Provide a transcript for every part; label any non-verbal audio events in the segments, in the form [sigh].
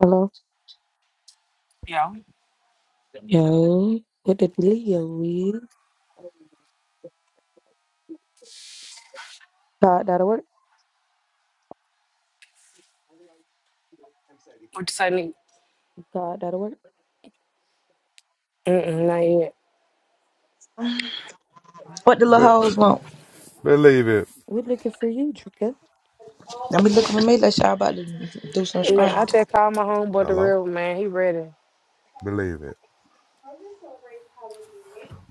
Hello? Yeah. Yo. What the Leo is? God, that'll work. What you say, Nick? God, that'll work. Mm-mm, not yet. What the little But hoes want? believe it. We're looking for you, Drinker. Don't be looking for me like y'all about to do some Man, scrambling. I just called my homeboy the Hello? real one, man. He ready. Believe it.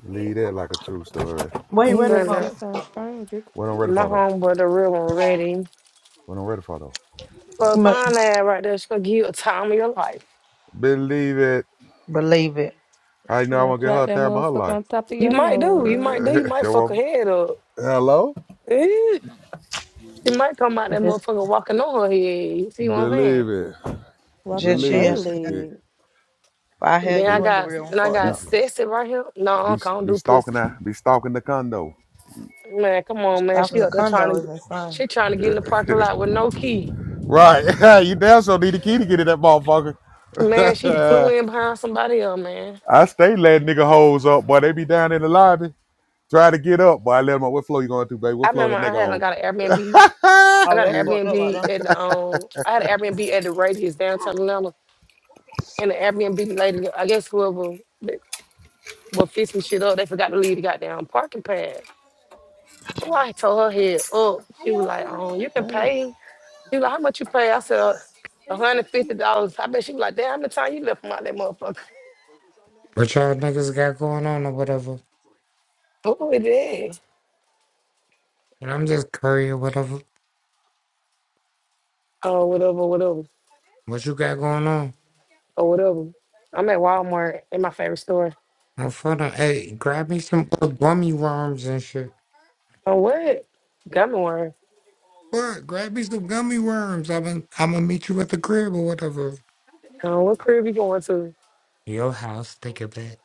Believe that like a true story. Wait, He where ready to Man, from? do uh, something strange, Drinker. What I'm ready My for though? homeboy the real one ready. What I'm ready for though? Well, Smoke. find that right there. She gonna give you a time of your life. Believe it. Believe it. How you You know I gonna want to get clap her a that time of her motherfucker life? on top of You your might do. nose, You might man. do. You Uh, [laughs] might That fuck her one- head up. [laughs] Hello? Eh, She might come out that Just, motherfucker walking on her head. You see what I'm Believe saying? it. just Walking Believe chill. it. see. If Can, boldly. I had Then I can, you in the got real then I fucked got be, up. Sassy right here. No, be, Uncle, I don't be do pussy. stalking that. Be stalking the condo. Man, come on, man. Stopping She the up there trying condo to is get insane. she trying to get in Yeah. the parking lot with no key. Right. [laughs] you damn so need a key to get in that motherfucker. Man, she flew [laughs] in behind somebody else, man. I stay letting nigga hoes up, boy. They be down in the lobby. trying to get up, boy. I let them up. What floor you going to, baby? I What floor remember that I nigga had I on? got an Airbnb. [laughs] I Oh, got that's an fucked up right Airbnb there. at the um I had an Airbnb at the Radius downtown Atlanta. And the Airbnb lady, I guess whoever that was fixing shit up, they forgot to leave the goddamn parking pad. Oh, I told her head up. She was like, um, you can hey, pay. She was like, how much you pay? I said, "Uh, a hundred fifty dollars. I bet she was like, damn, the time you left from out that motherfucker? [laughs] What y'all niggas got going on or whatever? Oh, it is. And I'm just curry or whatever. Oh, whatever, whatever, What you got going on? or whatever. I'm at Walmart in my favorite store. I'm fucking, hey, grab me some uh, gummy worms and shit. Oh, what? Got me one. What? Grab me some gummy worms. I'm gonna I'm gonna meet you at the crib or whatever. Oh, what crib you going to? Your house, think of it.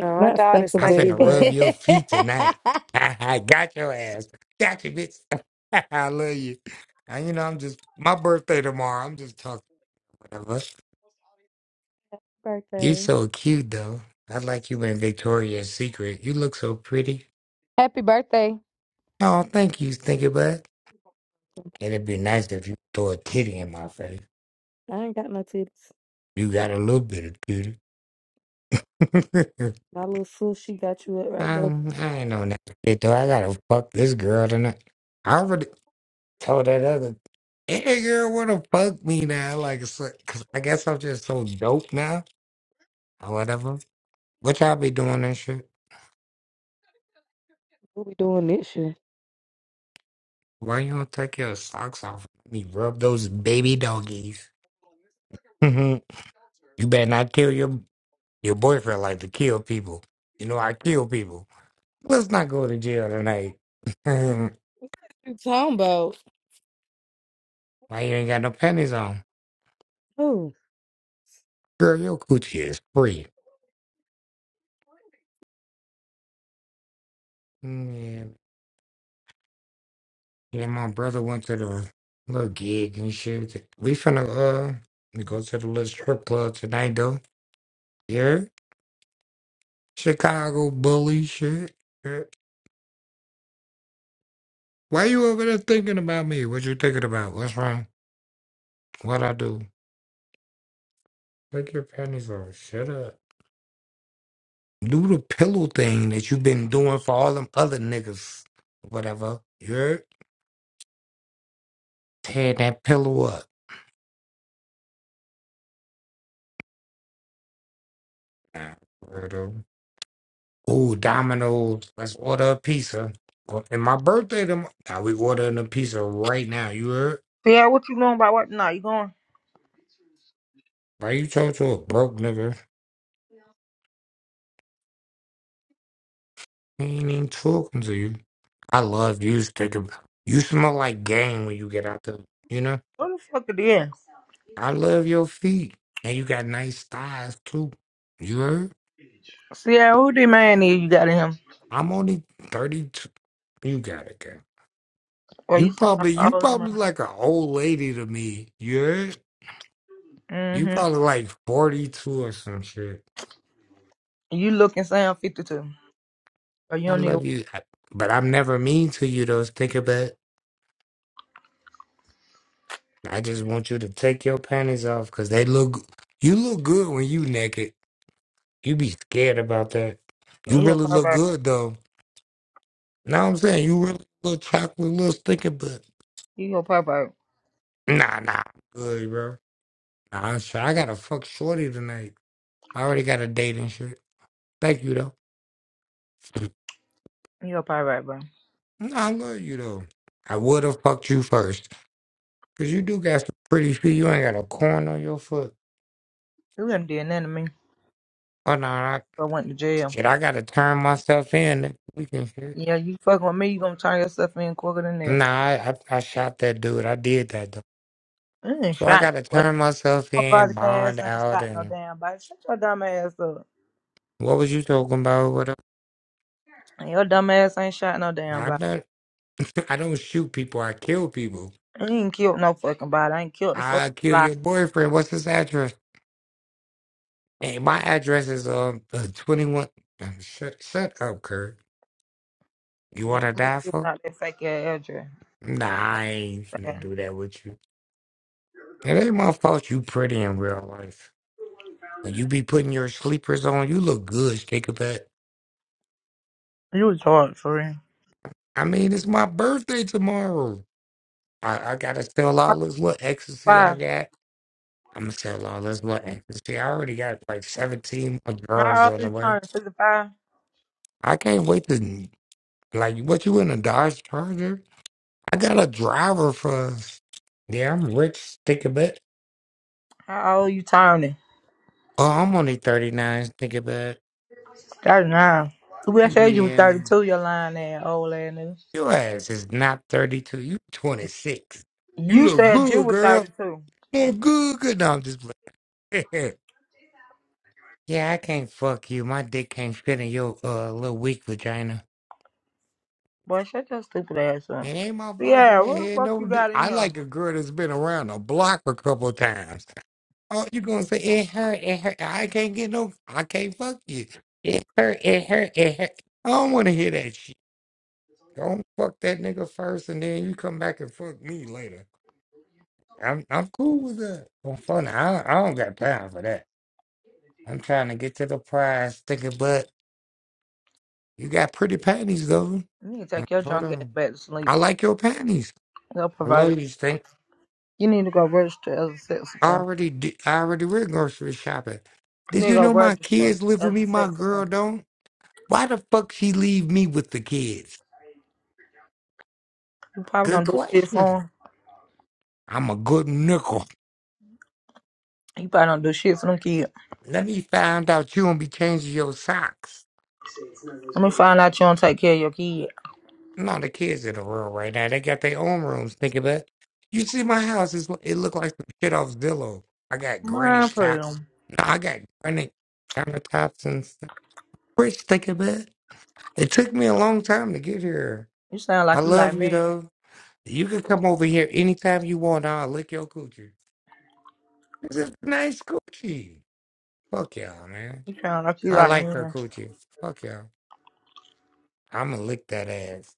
Uh, my Let's think daughter's of I'm thank you, it. finna but. rub your feet tonight. [laughs] I got your ass. Got you, bitch. [laughs] I love you. And you know, I'm just, [laughs] my birthday tomorrow. I'm just talking whatever. You Birthday. so cute though. I like you in Victoria's Secret. You look so pretty. Happy birthday. Oh, thank you, Stinky Bud. It'd be nice if you throw a titty in my face. I ain't got no titties. You got a little bit of titty. [laughs] My little sis, she got you up right there. um, I ain't on that shit though. I gotta fuck this girl tonight. I already told that other Any girl wanna fuck me now. Like, it's like- cause I guess I'm just so dope now or whatever. What y'all be doing and shit? What we doing this year. Why you don't take your socks off? Let me rub those baby doggies. [laughs] you better not kill your your boyfriend like to kill people. You know I kill people. Let's not go to jail tonight. [laughs] Why You talking about? you ain't got no panties on? Who? Girl, your coochie is free. Mm, Yeah, yeah. My brother went to the little gig and shit. We finna uh go to the little strip club tonight though. Yeah, Chicago bully shit. Yeah. Why you over there thinking about me? What you thinking about? What's wrong? What I do? Take your panties off. Shut up. Do the pillow thing that you been doing for all them other niggas. Whatever. Yeah. Tear that pillow up. Heard 'em. Ooh, Domino's. Let's order a pizza. Well, And my birthday tomorrow. Now we ordering a pizza right now. You heard? Yeah, what you doing about what? Nah, you going? Why you talking to a broke nigga? He ain't even talking to you. I love you, sticker. You smell like game when you get out there. You know? What the fuck it is? I love your feet. And you got nice thighs too. You heard? Yeah, who the man is you got in him? I'm only 32. You got it, girl. Well, You you sound probably you all probably number. like an old lady to me. You heard? You Mm-hmm. probably like 42 or some shit. You looking sound 52. But you I don't need to. love you, I- but I'm never mean to you though. Think about it. I just want you to take your panties off because they look, you look good when you naked. You be scared about that. You You a really look pervert. good though. Know what I'm saying? You really look chocolate, little stinky butt. You go pervert. Nah, nah, I'm good, bro. Nah, I'm sure. I gotta fuck shorty tonight. I already got a date and shit. Thank you though. [clears throat] You a pervert, bro. nah, I love you though. I would have fucked you first. Cause you do got some pretty feet. You ain't got a corn on your foot. You done did nothing to me. Oh no, I, I went to jail. shit! I gotta turn myself in. We can hear. Yeah, you fucking with me, you gonna turn yourself in quicker than that. Nah, I, I I shot that dude. I did that though. I ain't So I shot gotta no turn myself in, but bond ass ain't out, shot no and damn body. Shut your dumb ass up. what was you talking about? What? up? And your dumb ass ain't shot no damn I'm body. not. [laughs] I don't shoot people. I kill people. I ain't killed no fucking body. I ain't killed the fucking I kill body. your boyfriend. What's his address? Hey, my address is um uh, twenty one. Shut shut up, Kurt. You Yeah, wanna who die you for? not that fake ass address. Nah, I ain't gonna man. do that with you. It ain't my fault you pretty in real life. When you be putting your sleepers on, you look good, Shakerbet. You was hard for real. I mean, it's my birthday tomorrow. I, I gotta sell all this little ecstasy I Five. got. I'm gonna sell all this little ecstasy. I already got like 17 more drawers How old on you the way. turning? Fifty five? I can't wait to, like, what you in a Dodge Charger? I got a driver for us. Yeah, I'm rich, Shakerbet. How old you turning? Oh, I'm only 39, Shakerbet. Thirty nine. We said you was Yeah. thirty two, your lying ass old ass nigga. Your ass is not 32. You 26. You You look said you good, were thirty girl. two. Look good, good. No, I'm just playing. [laughs] yeah, I can't fuck you. My dick can't fit in your uh, little weak vagina. Boy, shut your stupid ass It up. ain't my fault you Sierra, ain't what the had fuck no you dick. got in I here? like a girl that's been around the block a couple of times. Oh, you gonna say it hurt, it hurt. I can't get no, I can't fuck you. It hurt, it hurt, it hurt. I don't want to hear that shit. Don't fuck that nigga first and then you come back and fuck me later. I'm I'm cool with that. I'm funny. I don't, I don't got time for that. I'm trying to get to the prize, thinking, but you got pretty panties though. You need to Like, take your Hold drunk ass on. back to sleep. I like your panties. Go I provide. love you, Stink. You need to go register as a sex I offender. already did, I already went grocery shopping. You need Did to you go know my register kids live as with a me? My sex girl offender. don't. Why the fuck she leave me with the kids? You probably Good don't do shit for question. him. I'm a good nickel. You probably don't do shit for them kids. Let me find out you don't be changing your socks. Let me find out you don't take care of your kid. No, the kids in the room right now. They got their own rooms. Think of it. You see my house is it look like some shit off Zillow. I got granite Mind for cap. him. No, I got granite countertops and stuff. Rich, think of it. It took me a long time to get here. You sound I like you love like you me. though. You can come over here anytime you want. I'll lick your coochie. This is nice coochie. Fuck y'all, man. You sound like you I like like her me. coochie. Fuck y'all. I'ma lick that ass.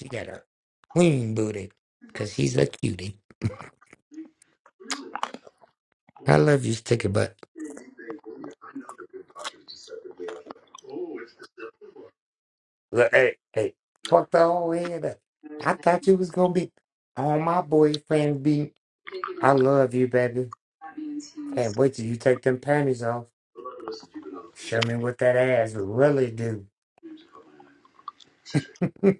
She got a clean booty, cause she's a cutie. I love you, sticky butt. Look, hey, hey, fuck the whole head up. I thought you was gonna be on my boyfriend beat. I love you, baby. Can't wait till you take them panties off. Show me what that ass really do. [laughs]